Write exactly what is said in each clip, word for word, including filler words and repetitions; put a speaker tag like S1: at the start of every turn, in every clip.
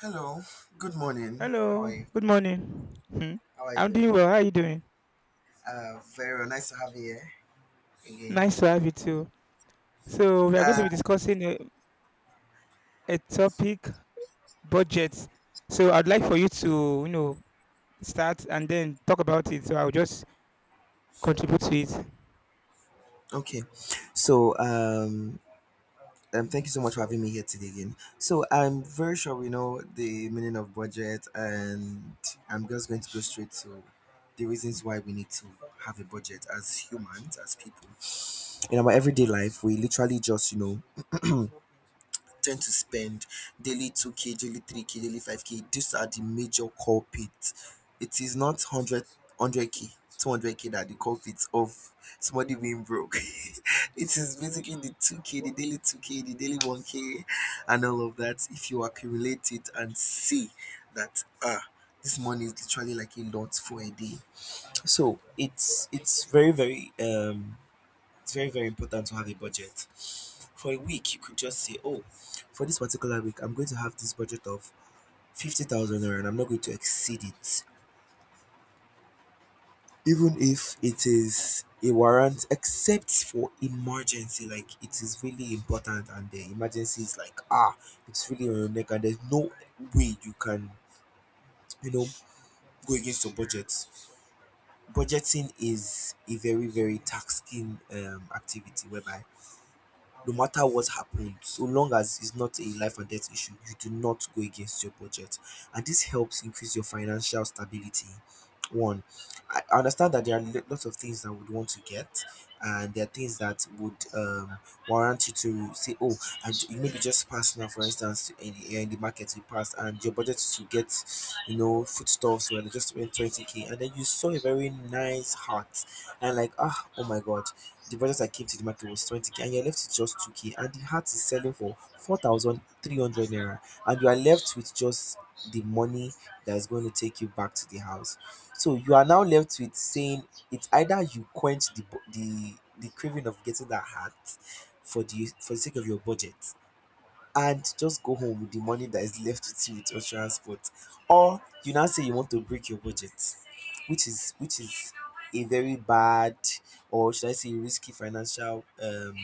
S1: Hello, good morning. How
S2: Hello,
S1: are you?
S2: good morning. Hmm.
S1: How are you
S2: I'm
S1: doing?
S2: doing well. How are you doing?
S1: Uh, very well. Nice to have you here again.
S2: Nice to have you too. So we are going to
S1: Uh,
S2: be discussing a, a topic, budget. So I'd like for you to, you know, start and then talk about it. So I'll just contribute to it.
S1: okay, so um, um, thank you so much for having me here today again. So I'm very sure we know the meaning of budget, and I'm just going to go straight to the reasons why we need to have a budget as humans, as people. In our everyday life, we literally just you know tend to spend daily two k, daily three k, daily five k. These are the major culprits. It is not one hundred, k two hundred k that are the culprits of somebody being broke. It is basically the two k, the daily two k, the daily one k, and all of that. If you accumulate it and see that, ah, this money is literally like a lot for a day. So it's it's very very um it's very, very important to have a budget. For a week, you could just say, oh, for this particular week, I'm going to have this budget of fifty thousand naira and I'm not going to exceed it. Even if it is a warrant, except for emergency, like it is really important and the emergency is like, ah, it's really on your neck and there's no way you can, you know, go against your budget. Budgeting is a very, very taxing um, activity whereby no matter what happens, so long as it's not a life and death issue, you do not go against your budget. And this helps increase your financial stability. One, I I understand that there are lo- lots of things that would want to get, and there are things that would um, warrant you to say, oh, and you maybe just pass now, for instance, in the, in the market, you passed, and your budget is to get, you know, foodstuffs where they just spent twenty k, and then you saw a very nice hat, and like, ah, oh my god, the budget I came to the market was twenty k and you're left with just two k and the hat is selling for four thousand three hundred naira and you are left with just the money that is going to take you back to the house. So you are now left with saying it's either you quench the bu- the the craving of getting that hat for the for the sake of your budget and just go home with the money that is left with you with your transport, or you now say you want to break your budget, which is which is a very bad, or should I say risky financial um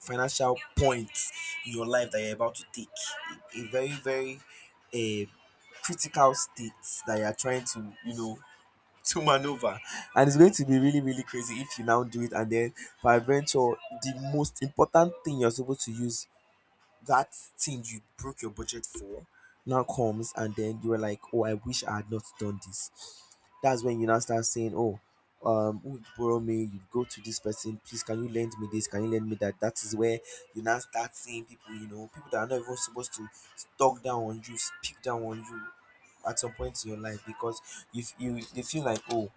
S1: financial point in your life that you're about to take a, a very very a critical state that you're trying to you know to maneuver. And it's going to be really really crazy if you now do it, and then by peradventure the most important thing you're supposed to use, that thing you broke your budget for, now comes and then you were like, oh, I wish I had not done this. That's when you now start saying, oh, um, who would borrow me? You go to this person, please, can you lend me this? Can you lend me that? That is where you now start seeing people, you know, people that are not even supposed to talk down on you, speak down on you at some point in your life because if you they feel like, oh,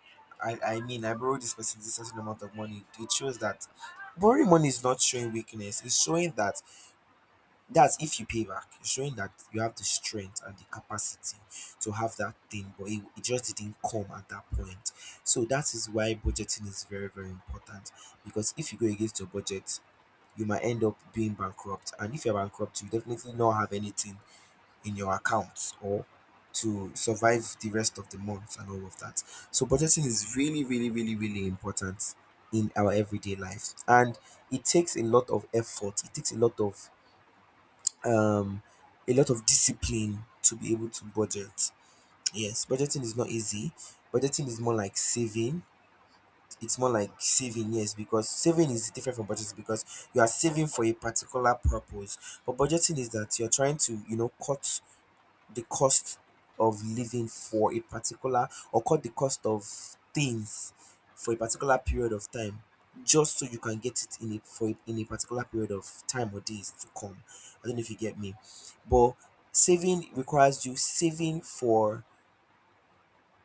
S1: I, I mean, I borrowed this person this certain amount of money. It shows that borrowing money is not showing weakness. It's showing that, that's if you pay back, showing that you have the strength and the capacity to have that thing, but it, it just didn't come at that point. So that is why budgeting is very, very important because if you go against your budget, you might end up being bankrupt. And if you're bankrupt, you definitely not have anything in your accounts or to survive the rest of the month and all of that. So budgeting is really, really, really, really important in our everyday life. And it takes a lot of effort, it takes a lot of um, a lot of discipline to be able to budget. Yes, budgeting is not easy. Budgeting is more like saving. It's more like saving, yes, because saving is different from budgeting because you are saving for a particular purpose. But budgeting is that you're trying to, you know, cut the cost of living for a particular, or cut the cost of things for a particular period of time just so you can get it in a for a- in a particular period of time or days to come. I don't know if you get me. But saving requires you saving for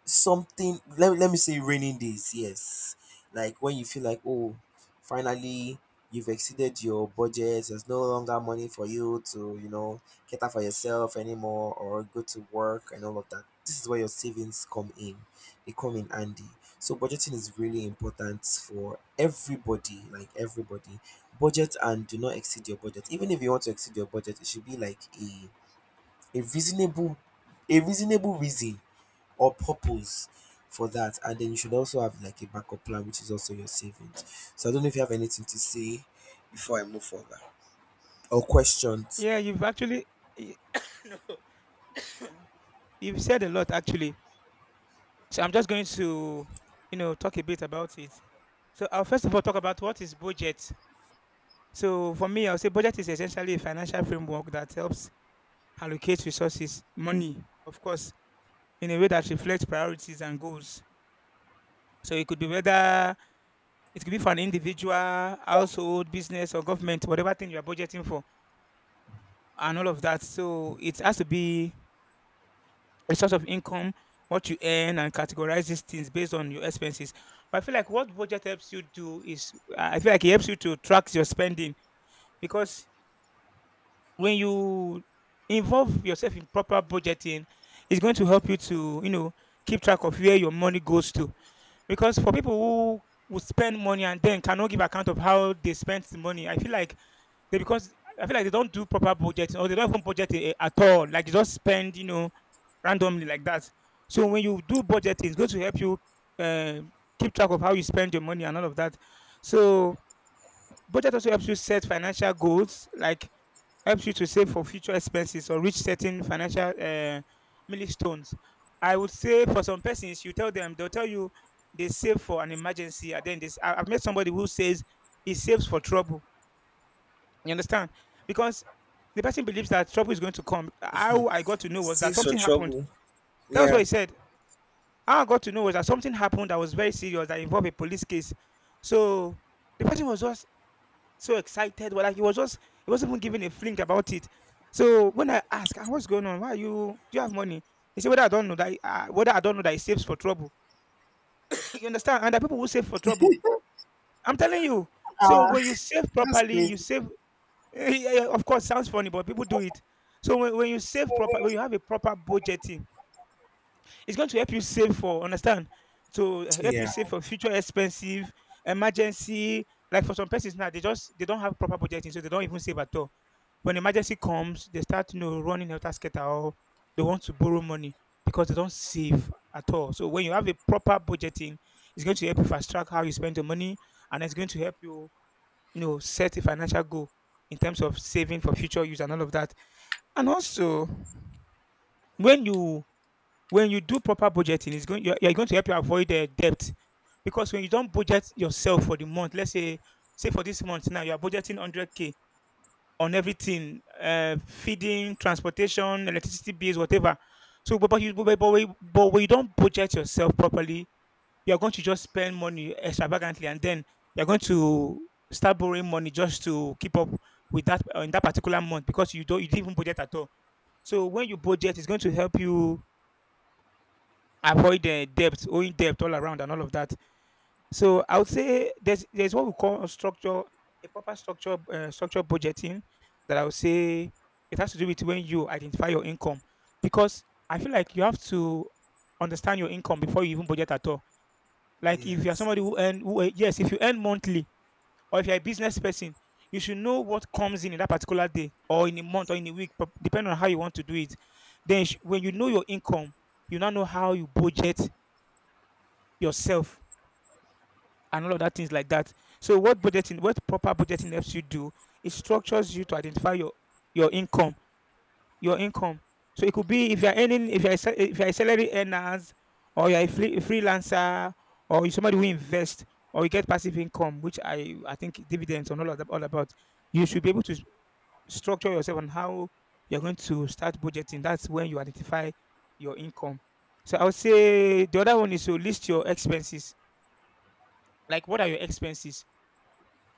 S1: something, let, let me say raining days. Yes, like when you feel like, oh, finally you've exceeded your budget, there's no longer money for you to, you know, cater for yourself anymore or go to work and all of that. This is where your savings come in. They come in handy. So budgeting is really important for everybody. Like, everybody budget and do not exceed your budget. Even if you want to exceed your budget, it should be like a a reasonable, a reasonable reason or purpose for that. And then you should also have like a backup plan, which is also your savings. So I don't know if you have anything to say before I move further, or questions.
S2: Yeah, you've actually y- you've said a lot actually. So I'm just going to, you know, talk a bit about it. So I'll first of all talk about what is budget. So for me, I'll say budget is essentially a financial framework that helps allocate resources, money, of course, in a way that reflects priorities and goals. So it could be whether it could be for an individual, household, business, or government, whatever thing you are budgeting for, and all of that. So it has to be a source of income, what you earn, and categorize these things based on your expenses. But I feel like what budget helps you do is, I feel like it helps you to track your spending, because when you involve yourself in proper budgeting, it's going to help you to, you know, keep track of where your money goes to. Because for people who would spend money and then cannot give account of how they spent the money, I feel like they, because I feel like they don't do proper budgeting, or they don't even budget eh, at all. Like they just spend, you know, randomly like that. So when you do budgeting, it's going to help you uh, keep track of how you spend your money and all of that. So budget also helps you set financial goals, like helps you to save for future expenses or reach certain financial uh, milestones. I would say for some persons, you tell them, they'll tell you they save for an emergency. And then this, I- I've met somebody who says he saves for trouble. You understand? Because the person believes that trouble is going to come. How I got to know was that
S1: Saves for
S2: something happened.
S1: trouble?
S2: That was what
S1: Yeah.
S2: he said. How I got to know was that something happened that was very serious, that involved a police case. So the person was just so excited. Well, like he was just he wasn't even giving a flink about it. So when I asked, "Ah, what's going on? Why are you Do you have money?" He said, Whether I don't know that uh, whether I don't know that he saves for trouble. You understand? And the people who save for trouble. I'm telling you. So when you save
S1: That's
S2: properly,
S1: great.
S2: you save yeah, yeah, of course sounds funny, but people do it. So when, when you save proper when you have a proper budgeting, it's going to help you save for understand to help you
S1: Yeah.
S2: save for future expensive emergency. Like for some persons now, they just they don't have proper budgeting, so they don't even save at all. When emergency comes, they start you know running helter skelter, or they want to borrow money because they don't save at all. So when you have a proper budgeting, it's going to help you fast track how you spend your money, and it's going to help you you know set a financial goal in terms of saving for future use and all of that. And also when you when you do proper budgeting, it's going you're, you're going to help you avoid uh, debt, because when you don't budget yourself for the month, let's say say for this month now you are budgeting one hundred k on everything, uh, feeding, transportation, electricity bills, whatever. So, but but, you, but, but, when- but when you don't budget yourself properly, you are going to just spend money extravagantly, and then you're going to start borrowing money just to keep up with that, uh, in that particular month, because you don't you didn't even budget at all. So when you budget, it's going to help you avoid uh, debt, owing debt all around and all of that. So I would say there's there's what we call a structure, a proper structure, uh, structure budgeting, that I would say it has to do with when you identify your income, because I feel like you have to understand your income before you even budget at all. Like if you are
S1: Yes,
S2: somebody who earn, who, uh, yes, if you earn monthly or if you're a business person, you should know what comes in in that particular day or in a month or in a week, depending on how you want to do it. Then sh- when you know your income, you now know how you budget yourself and all of that things like that. So what budgeting, what proper budgeting helps you do, it structures you to identify your your income, your income. So it could be if you're earning, if you're a sa- if you're a salary earners, or you're a free, a freelancer, or you're somebody who invests, or you get passive income, which I I think dividends and all of that all about. You should be able to s- structure yourself on how you're going to start budgeting. That's when you identify your income. So I would say the other one is to list your expenses. Like, what are your expenses?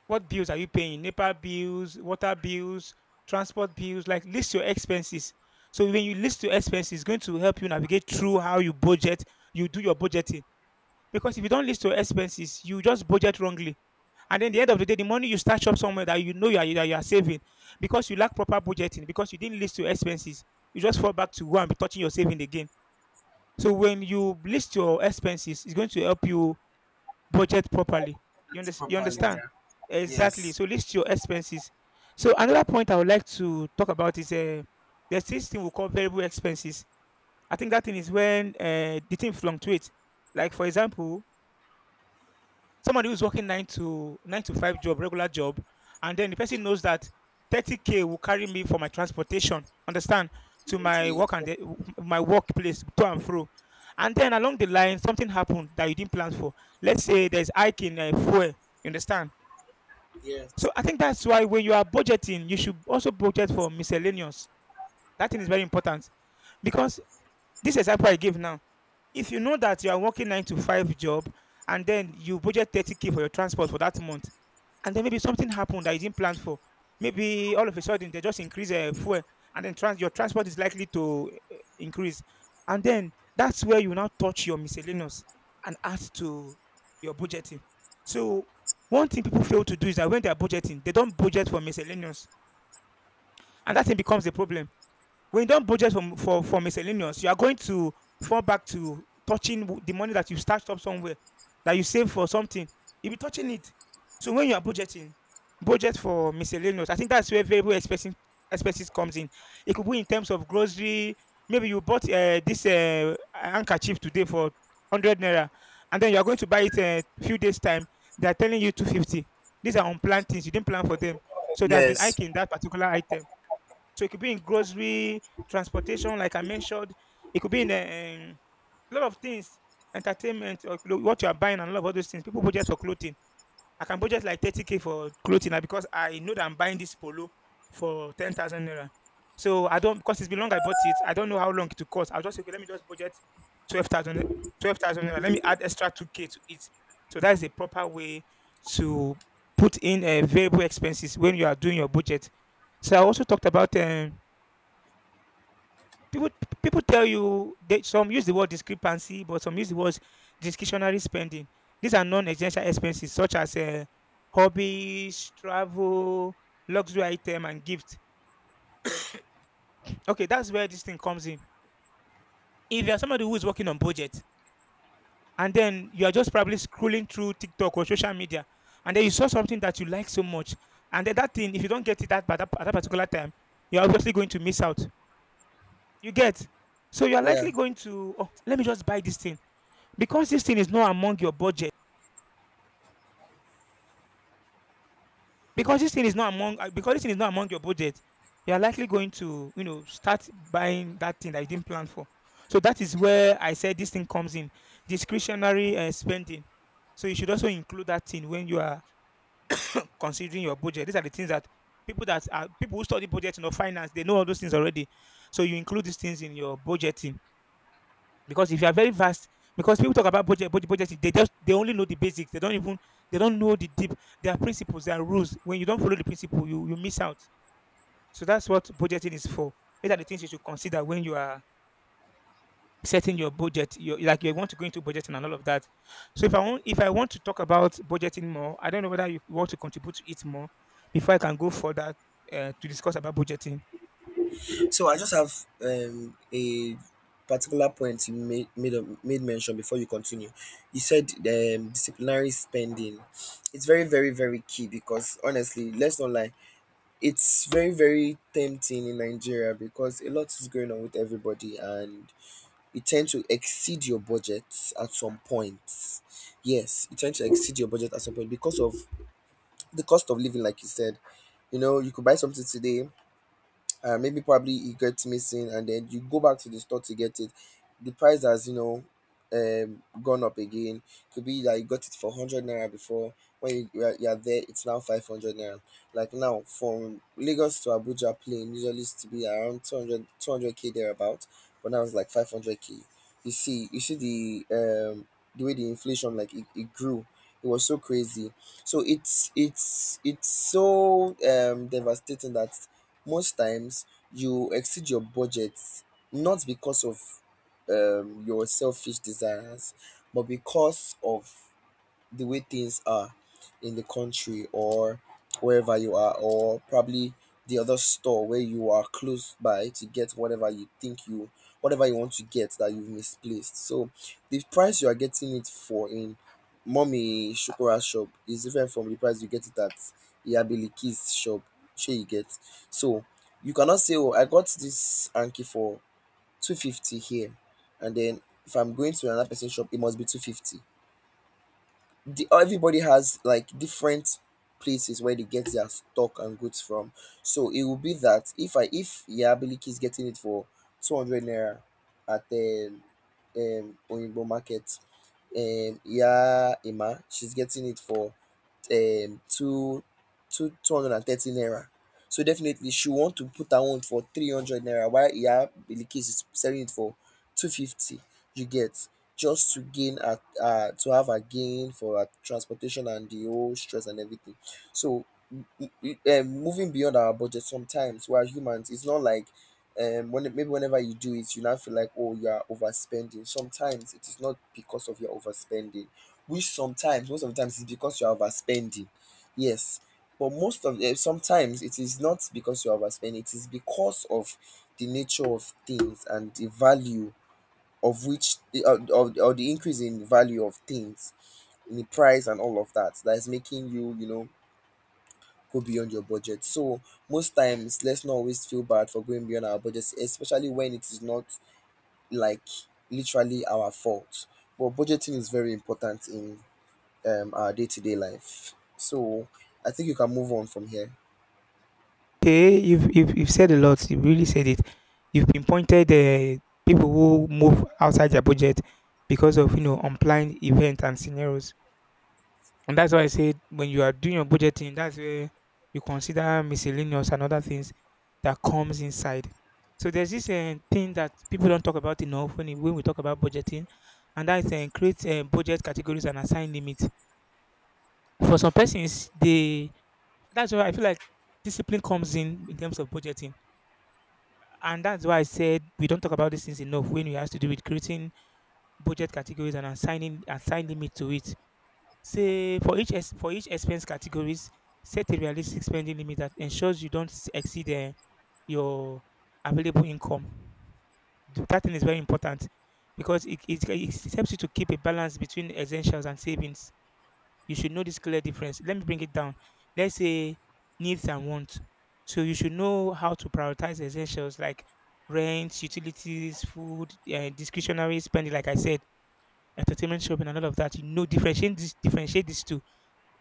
S2: What bills are you paying? NEPA bills, water bills, transport bills. Like, list your expenses. So when you list your expenses, it's going to help you navigate through how you budget, you do your budgeting. Because if you don't list your expenses, you just budget wrongly. And then the end of the day, the money you stash up somewhere that you know you are, that you are saving, because you lack proper budgeting, because you didn't list your expenses, you just fall back to go and be touching your saving again. So when you list your expenses, it's going to help you budget properly. You,
S1: that's
S2: unders- you
S1: properly.
S2: understand?
S1: Yeah.
S2: Exactly.
S1: Yes.
S2: So list your expenses. So another point I would like to talk about is uh, there's this thing we call variable expenses. I think that thing is when uh, the thing fluctuates. Like, for example, somebody who's working nine to nine to five job, regular job, and then the person knows that thirty k will carry me for my transportation, understand, to my
S1: Absolutely.
S2: work and the, my workplace, to and fro. And then along the line, something happened that you didn't plan for. Let's say there's hike in uh, fuel. You understand? So
S1: Yes.
S2: I think that's why when you are budgeting, you should also budget for miscellaneous. That thing is very important, because this example I give now, if you know that you are working nine to five job and then you budget thirty k for your transport for that month, and then maybe something happened that you didn't plan for. Maybe all of a sudden they just increase uh, fuel, and then trans- your transport is likely to uh, increase, and then that's where you now touch your miscellaneous and add to your budgeting. So one thing people fail to do is that when they are budgeting, they don't budget for miscellaneous, and that thing becomes a problem. When you don't budget from, for for miscellaneous, you are going to fall back to touching w- the money that you stashed up somewhere, that you save for something. You'll be touching it. So when you are budgeting, budget for miscellaneous. I think that's where variable expenses expenses comes in. It could be in terms of grocery. Maybe you bought uh, this uh, handkerchief today for hundred naira, and then you are going to buy it a few days time. They are telling you two fifty. These are unplanned things. You didn't plan for them. So there's been
S1: Yes.
S2: hiking that particular item. So it could be in grocery, transportation, like I mentioned. It could be in um, a lot of things: entertainment, or clo- what you are buying, and a lot of all those things. People budget for clothing. I can budget like thirty k for clothing now, because I know that I'm buying this polo for ten thousand naira. So I don't, because it's been long I bought it, I don't know how long it will cost. I'll just say, okay, let me just budget twelve thousand, twelve thousand naira. Let me add extra two k to it. So that is a proper way to put in uh, variable expenses when you are doing your budget. So I also talked about um, people people tell you they, some use the word discrepancy but some use the words discretionary spending. These are non-essential expenses such as uh, hobbies, travel, luxury item, and gift. Okay, that's where this thing comes in. If you're somebody who is working on budget and then you are just probably scrolling through TikTok or social media and then you saw something that you like so much, and then that thing, if you don't get it at that, at that particular time, you're obviously going to miss out. You get? So you're
S1: Yeah.
S2: likely going to, oh, let me just buy this thing because this thing is not among your budget. Because this thing is not among uh, because this thing is not among your budget, you are likely going to, you know, start buying that thing that you didn't plan for. So that is where I said this thing comes in, discretionary uh, spending. So you should also include that thing when you are considering your budget. These are the things that people that are people who study budgeting or finance, they know all those things already. So you include these things in your budgeting, because if you are very vast, because people talk about budget budget budgeting, they just, they only know the basics, they don't even, they don't know the deep. There are principles, there are rules. When you don't follow the principle, you you miss out. So that's what budgeting is for. These are the things you should consider when you are setting your budget, your, like, you want to go into budgeting and all of that. So if I want, if I want to talk about budgeting more, I don't know whether you want to contribute to it more before I can go further uh, to discuss about budgeting.
S1: So I just have um, a particular point you made made, a- made mention before you continue. You said um, disciplinary spending. It's very very very key because honestly, let's not lie, it's very very tempting in Nigeria because a lot is going on with everybody and you tend to exceed your budget at some point. Yes, you tend to exceed your budget at some point because of the cost of living, like you said. You know, you could buy something today, uh, maybe probably it gets missing and then you go back to the store to get it, the price has, you know, um gone up again. Could be that you got it for one hundred naira before, when you, you, are, you are there it's now five hundred naira. Like now, from Lagos to Abuja plane usually used to be around two hundred two hundred two hundred k thereabout, but now it's like five hundred k. You see, you see the um the way the inflation like it, it grew, it was so crazy. So it's it's it's so um devastating that most times you exceed your budget not because of um, your selfish desires, but because of the way things are in the country or wherever you are, or probably the other store where you are close by to get whatever you think you, whatever you want to get that you've misplaced. So the price you are getting it for in Mommy Shukura shop is different from the price you get it at Iyabiliki's shop. Shey you get. So you cannot say, oh, I got this Anki for two fifty here, and then if I'm going to another person's shop, it must be two fifty. The, everybody has like different places where they get their stock and goods from. So it will be that if I, if Yabiliki is getting it for two hundred naira at the um Oyinbo market, and Ya Ima she's getting it for um two two two hundred and thirty naira. So definitely she want to put her own for three hundred naira while Iya Bilkis is selling it for two fifty. You get. Just to gain her, her to have her gain for her transportation and the whole stress and everything. So m- m- um moving beyond our budget sometimes, we are humans, it's not like um when, maybe whenever you do it you now feel like, oh, you are overspending. Sometimes it is not because of your overspending, which sometimes most of the times is because you are overspending. Yes, but most of the sometimes it is not because you are overspending, it is because of the nature of things and the value of which, eh, or, or, or the increase in the value of things in the price and all of that, that is making you, you know, go beyond your budget. So most times let's not always feel bad for going beyond our budgets, especially when it is not like literally our fault. But budgeting is very important in um, our day to day life. So I think you can move on from here.
S2: Okay, you've, you've you've said a lot, you really said it. You've pinpointed uh, people who move outside their budget because of, you know, unplanned events and scenarios. And that's why I said when you are doing your budgeting, that's where you consider miscellaneous and other things that comes inside. So there's this uh, thing that people don't talk about enough when, it- when we talk about budgeting, and that is uh, create uh, budget categories and assign limits. For some persons, they, that's why I feel like discipline comes in in terms of budgeting, and that's why I said we don't talk about these things enough when it has to do with creating budget categories and assigning assign limit to it. Say for each ex- for each expense categories, set a realistic spending limit that ensures you don't s- exceed uh, your available income. Th- That thing is very important because it, it, it helps you to keep a balance between essentials and savings. You should know this clear difference. Let me bring it down. Let's say needs and wants. So you should know how to prioritize essentials like rent, utilities, food, uh, discretionary spending, like I said, entertainment, shopping, and all of that. You know, differentiate this, differentiate these two,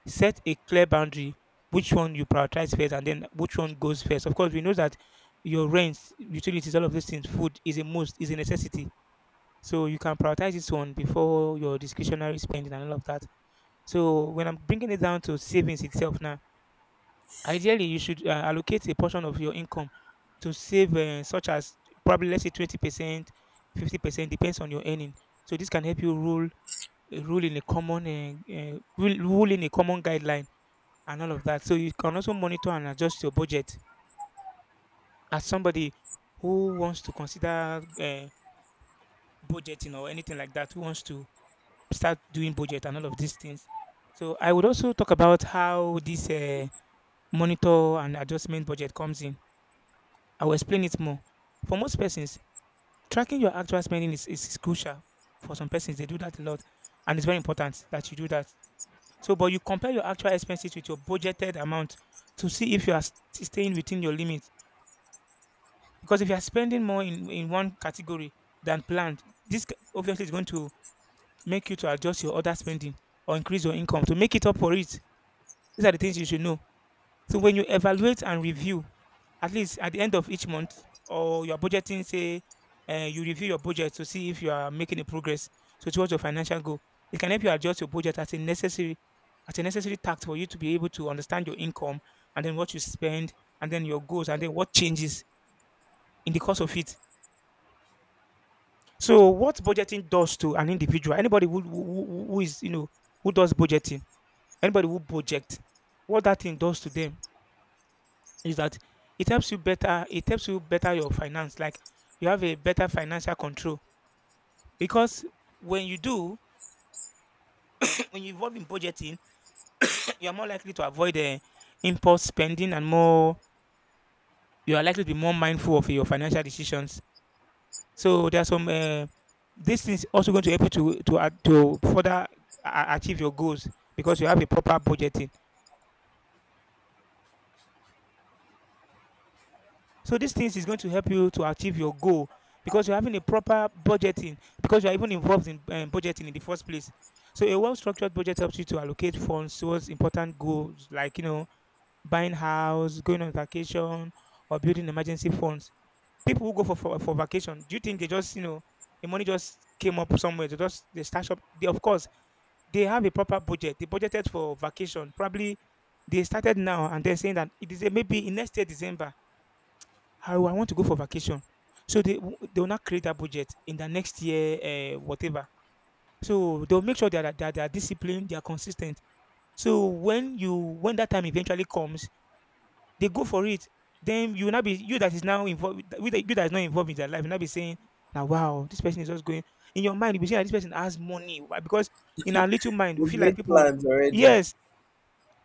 S2: set a clear boundary, which one you prioritize first and then which one goes first. Of course, we know that your rent, utilities, all of those things, food, is a must, is a necessity. So you can prioritize this one before your discretionary spending and all of that. So when I'm bringing it down to savings itself now, ideally you should uh, allocate a portion of your income to save, uh, such as probably, let's say, twenty percent, fifty percent, depends on your earning. So this can help you rule rule in a common uh, uh, rule rule in a common guideline and all of that. So you can also monitor and adjust your budget as somebody who wants to consider uh, budgeting or anything like that, who wants to start doing budget and all of these things. So I would also talk about how this uh, monitor and adjustment budget comes in. I will explain it more. For most persons, tracking your actual spending is, is crucial. For some persons, they do that a lot, and it's very important that you do that. So, but you compare your actual expenses with your budgeted amount to see if you are st- staying within your limit. Because if you are spending more in in one category than planned, this c- obviously is going to make you to adjust your other spending or increase your income to make it up for it. These are the things you should know. So when you evaluate and review, at least at the end of each month or you are budgeting, say uh, you review your budget to see if you are making a progress so towards your financial goal. It can help you adjust your budget as a necessary, as a necessary task for you to be able to understand your income and then what you spend and then your goals and then what changes in the course of it. So what budgeting does to an individual, anybody who, who, who who is, you know, who does budgeting, anybody who project, what that thing does to them is that it helps you better, it helps you better your finance. Like, you have a better financial control because when you do, when you involve in budgeting, you are more likely to avoid uh, impulse spending, and more, you are likely to be more mindful of your financial decisions. So there are some uh, this is also going to help you to to add to further a- achieve your goals because you have a proper budgeting. So these things is going to help you to achieve your goal because you're having a proper budgeting, because you're even involved in um, budgeting in the first place. So a well-structured budget helps you to allocate funds towards important goals, like, you know, buying house, going on vacation, or building emergency funds. People who go for, for for vacation, do you think they just, you know, the money just came up somewhere? They just they stash up. They, of course, they have a proper budget. They budgeted for vacation. Probably they started now and they're saying that it is a, maybe in next year December. Oh, I want to go for vacation. So they w- they will not create a budget in the next year, uh, whatever. So they'll make sure that they are, that they are disciplined, they are consistent. So when you, when that time eventually comes, they go for it. Then you will not be, you that is now involved, you that you that is not involved in their life, you will not be saying, "Now, wow, this person is just going." In your mind, you will be saying that this person has money. Why? Because in our little mind, we
S1: You've
S2: feel like
S1: made
S2: people.
S1: plans already.
S2: Yes,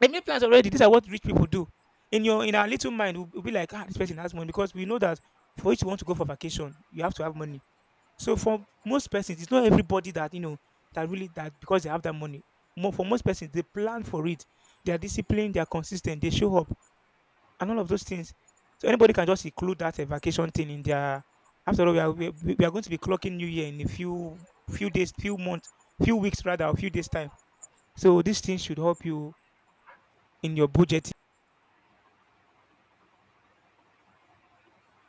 S2: they made plans already. These are what rich people do. In your in our little mind, we'll, we'll be like, ah, this person has money, because we know that for you to want to go for vacation, you have to have money. So for most persons, it's not everybody that, you know, that really, that because they have that money. More for most persons, they plan for it. They are disciplined. They are consistent. They show up and all of those things. So anybody can just include that uh, vacation thing in their. After all, we are, we, we we are going to be clocking New Year in a few, few days, few months, few weeks rather, a few days time. So these things should help you in your budgeting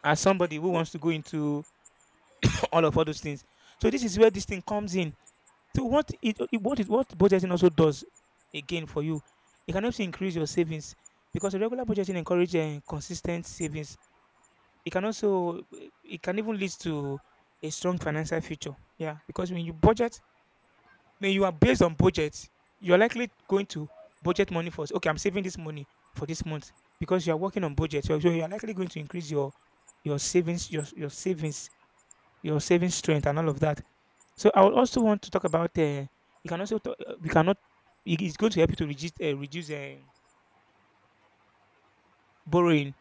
S2: as somebody who wants to go into all of all those things. So this is where this thing comes in. So what it, it what it what budgeting also does again for you, it can also increase your savings because regular budgeting encourages uh, consistent savings. It can also eh, it can even lead to a strong financial future. Yeah, because when you budget, when you are based on budget, you're likely going to budget money first. Okay, I'm saving this money for this month because you are working on budget. So so you are likely going to increase your your savings your your savings your saving strength and all of that. So I would also want to talk about. Uh, you can also talk, uh, we cannot. It is going to help you to reduce uh, reduce uh, borrowing.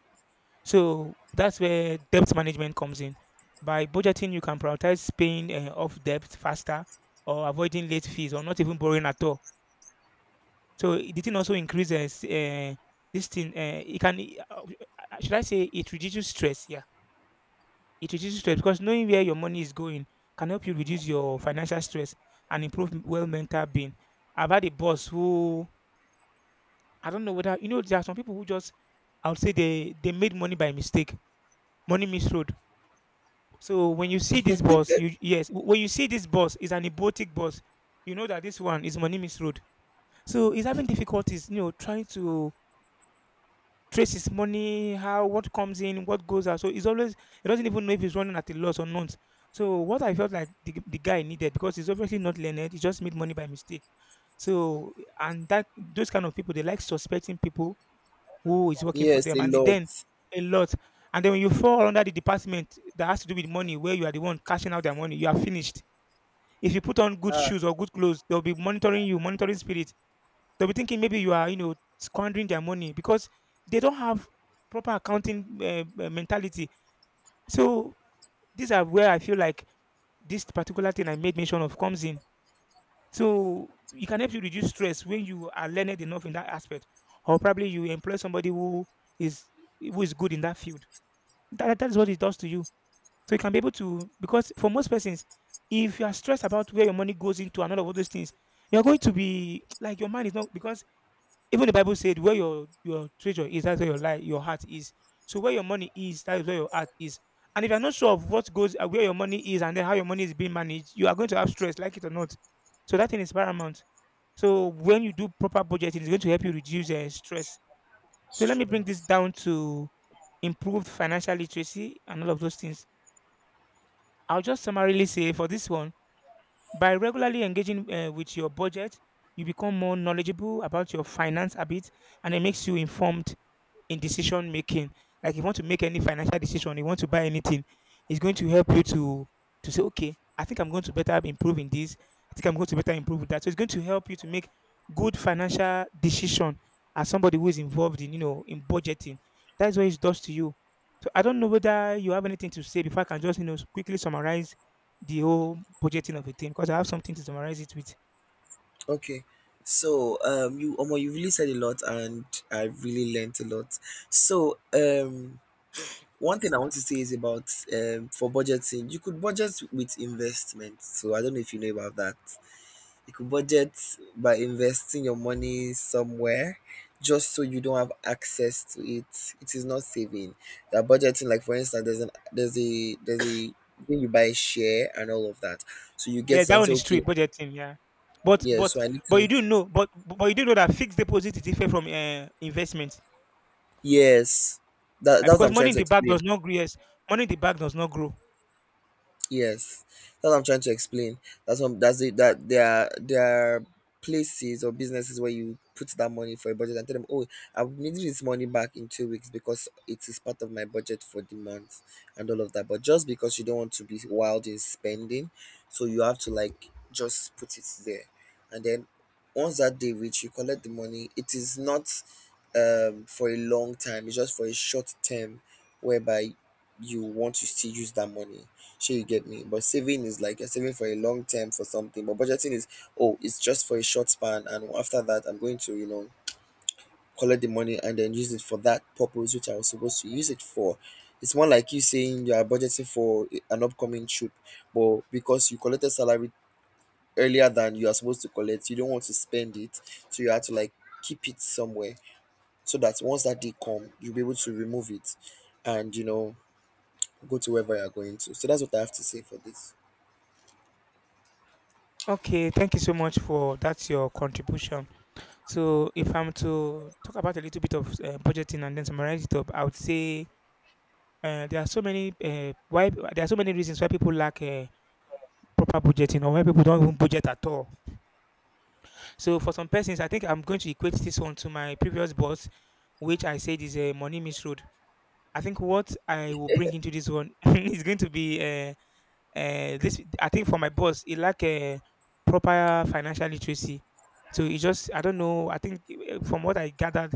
S2: So that's where debt management comes in. By budgeting, you can prioritize paying uh, off debt faster or avoiding late fees or not even borrowing at all. So it didn't also increase uh, s- uh, this thing. Uh, it can. Uh, should I say it reduces stress? Yeah. It reduces stress because knowing where your money is going can help you reduce your financial stress and improve m- well mental being. I've had a boss who, I don't know whether you know, there are some people who just, I would say they they made money by mistake. Money misroad. So when you see this boss, you, yes, w- when you see this boss is an ebotic boss, you know that this one is money misroad. So he's having difficulties, you know, trying to trace his money, how, what comes in, what goes out. So he's always, he doesn't even know if he's running at a loss or not. So what I felt like the, the guy needed, because he's obviously not learned, he just made money by mistake. So and that those kind of people, they like suspecting people who is working for
S1: Yes,
S2: them,
S1: a
S2: and
S1: lot.
S2: then a lot. And then when you fall under the department that has to do with money, where you are the one cashing out their money, you are finished. If you put on good
S1: Ah,
S2: shoes or good clothes, they'll be monitoring you, monitoring spirit. They'll be thinking maybe you are, you know, squandering their money because they don't have proper accounting uh, uh, mentality. So these are where I feel like this particular thing I made mention of comes in. So it can help you reduce stress when you are learned enough in that aspect, or probably you employ somebody who is, who is good in that field. That that is what it does to you. So you can be able to, because for most persons, if you are stressed about where your money goes into and all of all those things, you're going to be like your mind is not because even the Bible said, "Where your your treasure is, that's where your life, your heart is." So where your money is, that is where your heart is. And if you're not sure of what goes, uh, where your money is, and then how your money is being managed, you are going to have stress, like it or not. So that thing is paramount. So when you do proper budgeting, it's going to help you reduce uh, stress. So let me bring this
S1: stress.
S2: down to improved financial literacy and all of those things. I'll just summarily say for this one, by regularly engaging uh, with your budget, you become more knowledgeable about your finance habits, and it makes you informed in decision making. Like if you want to make any financial decision, you want to buy anything, it's going to help you to to say, okay, I think I'm going to better improve in this. I think I'm going to better improve with that. So it's going to help you to make good financial decision as somebody who is involved in, you know, in budgeting. That's what it does to you. So I don't know whether you have anything to say before I can just, you know, quickly summarize the whole budgeting of a thing, because I have something to summarize it with.
S1: Okay. So um you, Omo, you really said a lot and I really learnt a lot. So um one thing I want to say is about um for budgeting. You could budget with investment. So I don't know if you know about that. You could budget by investing your money somewhere just so you don't have access to it. It is not saving. You are budgeting, like for instance, there's an there's a there's a, when you buy a share and all of that. So you get
S2: Yeah,
S1: it
S2: that
S1: and
S2: one
S1: say,
S2: is true.
S1: okay,
S2: Budgeting, yeah. But
S1: yeah,
S2: but
S1: so I need
S2: but
S1: to.
S2: you do know, but but you do know that fixed deposit is different from uh, investment.
S1: Yes. That
S2: Uh,
S1: that's what
S2: because
S1: I'm
S2: money
S1: trying
S2: in
S1: to
S2: the bank does
S1: explain.
S2: not grow. Yes, money in the bank does not grow.
S1: Yes, that's what I'm trying to explain. That's what, that's it. That there are there are places or businesses where you put that money for a budget and tell them, oh, I'm needing this money back in two weeks because it is part of my budget for the month and all of that. But just because you don't want to be wild in spending, so you have to like just put it there, and then once that day reach, you collect the money. It is not um for a long time. It's just for a short term, whereby you want to still use that money. Sure, you get me? But saving is like you're saving for a long term for something. But budgeting is, oh, it's just for a short span, and after that, I'm going to, you know, collect the money and then use it for that purpose which I was supposed to use it for. It's more like you saying you are budgeting for i- an upcoming trip, but because you collected salary earlier than you are supposed to collect, you don't want to spend it, so you have to like keep it somewhere so that once that day come, you'll be able to remove it, and you know go to wherever you're going to. So that's what I have to say for this.
S2: Okay, thank you so much for that's your contribution. So if I'm to talk about a little bit of uh, budgeting and then summarize it up, I would say uh, there are so many uh, why there are so many reasons why people lack uh, proper budgeting, or why people don't even budget at all. So for some persons, I think I'm going to equate this one to my previous boss, which I said is a money misroad. I think what I will bring into this one is going to be uh, uh, this. I think for my boss, it lack a proper financial literacy. So he just, I don't know. I think uh, from what I gathered,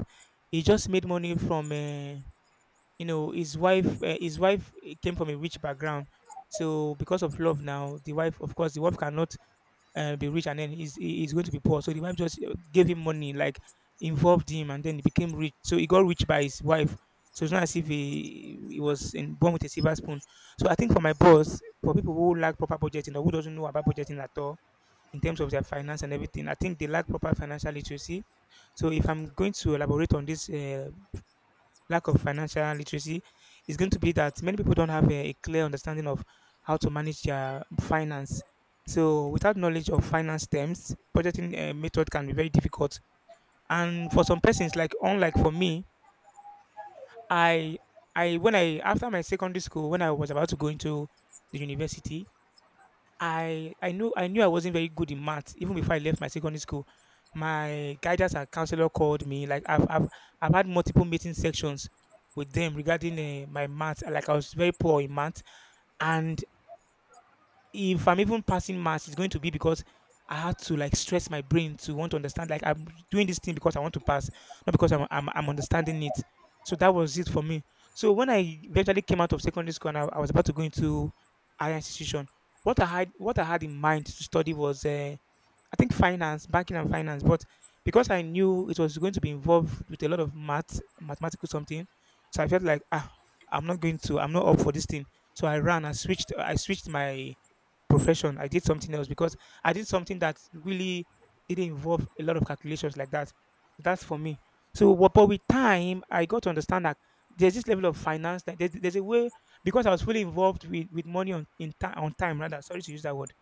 S2: he just made money from, uh, you know, his wife. Uh, his wife uh, came from a rich background, so because of love, now the wife, of course, the wife cannot uh, be rich and then he's he- he's going to be poor. So the wife just uh, gave him money, like involved him, and then he became rich. So he got rich by his wife. So it's not as if he, he was in, born with a silver spoon. So I think for my boss, for people who lack proper budgeting or who doesn't know about budgeting at all in terms of their finance and everything, I think they lack proper financial literacy. So if I'm going to elaborate on this uh, lack of financial literacy, is going to be that many people don't have a, a clear understanding of how to manage their finance. So, without knowledge of finance terms, budgeting uh, method can be very difficult. And for some persons, like unlike for me, I, I when I after my secondary school, when I was about to go into the university, I I knew I knew I wasn't very good in math even before I left my secondary school. My guidance and counselor called me. Like I've I've, I've had multiple meeting sections with them regarding uh, my math. Like I was very poor in math, and if I'm even passing maths, it's going to be because I had to like stress my brain to want to understand. Like I'm doing this thing because I want to pass, not because I'm I'm, I'm understanding it. So that was it for me. So when I eventually came out of secondary school and I, I was about to go into higher institution, what I had what I had in mind to study was uh, I think finance, banking and finance. But because I knew it was going to be involved with a lot of math, mathematical something, so I felt like ah, I'm not going to, I'm not up for this thing. So I ran, I switched, I switched my profession. I did something else because I did something that really didn't involve a lot of calculations like that. That's for me. So, but, but with time, I got to understand that there's this level of finance that there's, there's a way, because I was fully involved with, with money on in time on time rather. Sorry to use that word.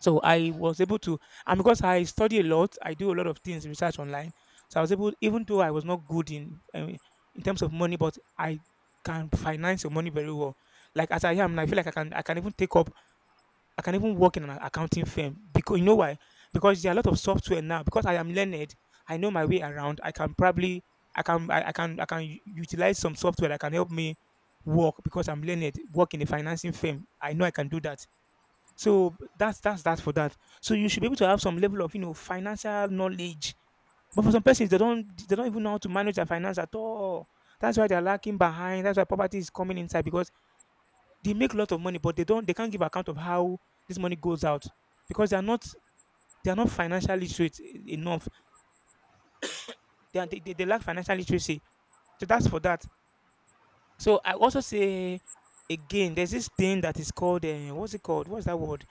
S2: So I was able to, and because I study a lot, I do a lot of things research online. So I was able, even though I was not good in um, in terms of money, but I can finance your money very well. Like as I am, I feel like I can I can even take up, I can even work in an accounting firm, because you know why? Because there are a lot of software now. Because I am learned, I know my way around. I can probably, I can, I, I can, I can u- utilize some software that can help me work because I'm learned. Work in a financing firm, I know I can do that. So b- that's that's that for that. So you should be able to have some level of, you know, financial knowledge. But for some persons, they don't they don't even know how to manage their finance at all. That's why they're lacking behind. That's why poverty is coming inside, because they make a lot of money, but they don't they can't give account of how this money goes out, because they are not, they are not financially literate e- enough. They, are, they, they they lack financial literacy. So that's for that. So I also say again, there's this thing that is called uh, what's it called? What's that word?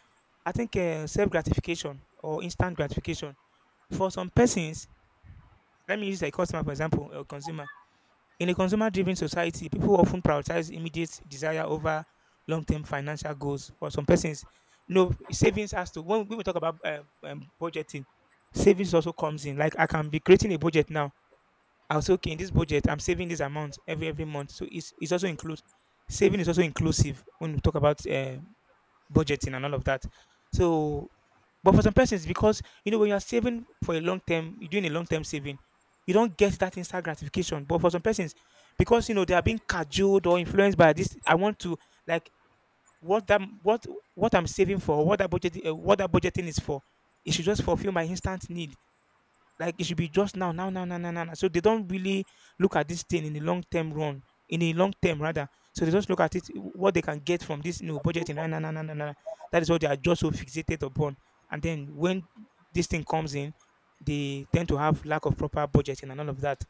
S2: I think uh, self gratification, or instant gratification. For some persons, let me use a customer for example, or consumer. In a consumer driven society, people often prioritize immediate desire over long term financial goals. For some persons, no savings has to, when, when we talk about um, um, budgeting, savings also comes in. Like I can be creating a budget now. I'll say, okay, in this budget, I'm saving this amount every every month. So it's, it's also includes, saving is also inclusive when we talk about uh, budgeting and all of that. So, but for some persons, because you know when you are saving for a long term, you're doing a long term saving, you don't get that instant gratification. But for some persons, because you know they are being cajoled or influenced by this, I want to like what that what what I'm saving for, what that budget, uh, what that budgeting is for. It should just fulfill my instant need. Like it should be just now, now, now, now, now, now, now. So they don't really look at this thing in the long term run, in a long term rather. So they just look at it what they can get from this, you know, budgeting. Now, now, now, now, now, now. That is what they are just so fixated upon. And then when this thing comes in, they tend to have lack of proper budgeting and all of that.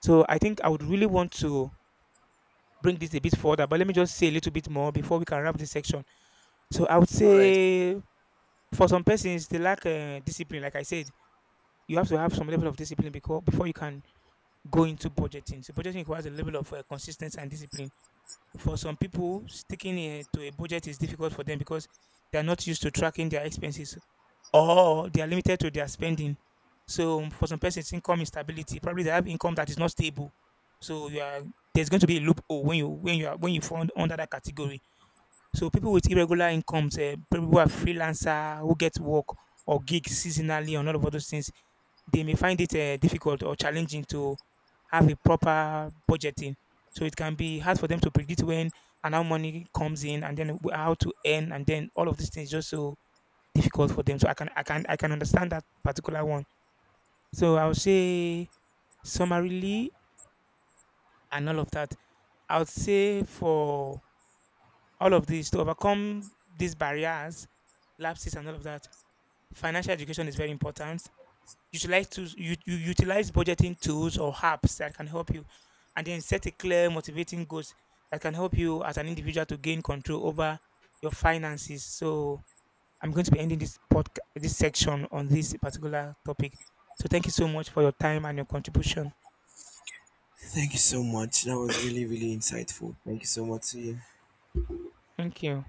S2: So I think I would really want to bring this a bit further, but let me just say a little bit more before we can wrap this section. So I would
S1: All right.
S2: say for some persons they lack uh, discipline. Like I said, you have to have some level of discipline, because before you can go into budgeting. So budgeting requires a level of uh, consistency and discipline. For some people, sticking uh, to a budget is difficult for them because they are not used to tracking their expenses, or they are limited to their spending. So um, for some persons, income instability. Probably they have income that is not stable. So you are, there's going to be a loophole when you when you are when you fall under that category. So people with irregular incomes, uh, people who are freelancer, who get work or gigs seasonally and all of those things, they may find it uh, difficult or challenging to have a proper budgeting. So it can be hard for them to predict when and how money comes in and then wh- how to earn, and then all of these things just so difficult for them. So I can I can I can understand that particular one. So I would say summarily and all of that. I would say for all of these to overcome these barriers, lapses, and all of that. Financial education is very important. Utilize tools, you, you utilize budgeting tools or apps that can help you, and then set a clear, motivating goals that can help you as an individual to gain control over your finances. So I'm going to be ending this podcast, this section on this particular topic. So thank you so much for your time and your contribution.
S1: Thank you so much. That was really, really insightful. Thank you so much to you.
S2: Thank you.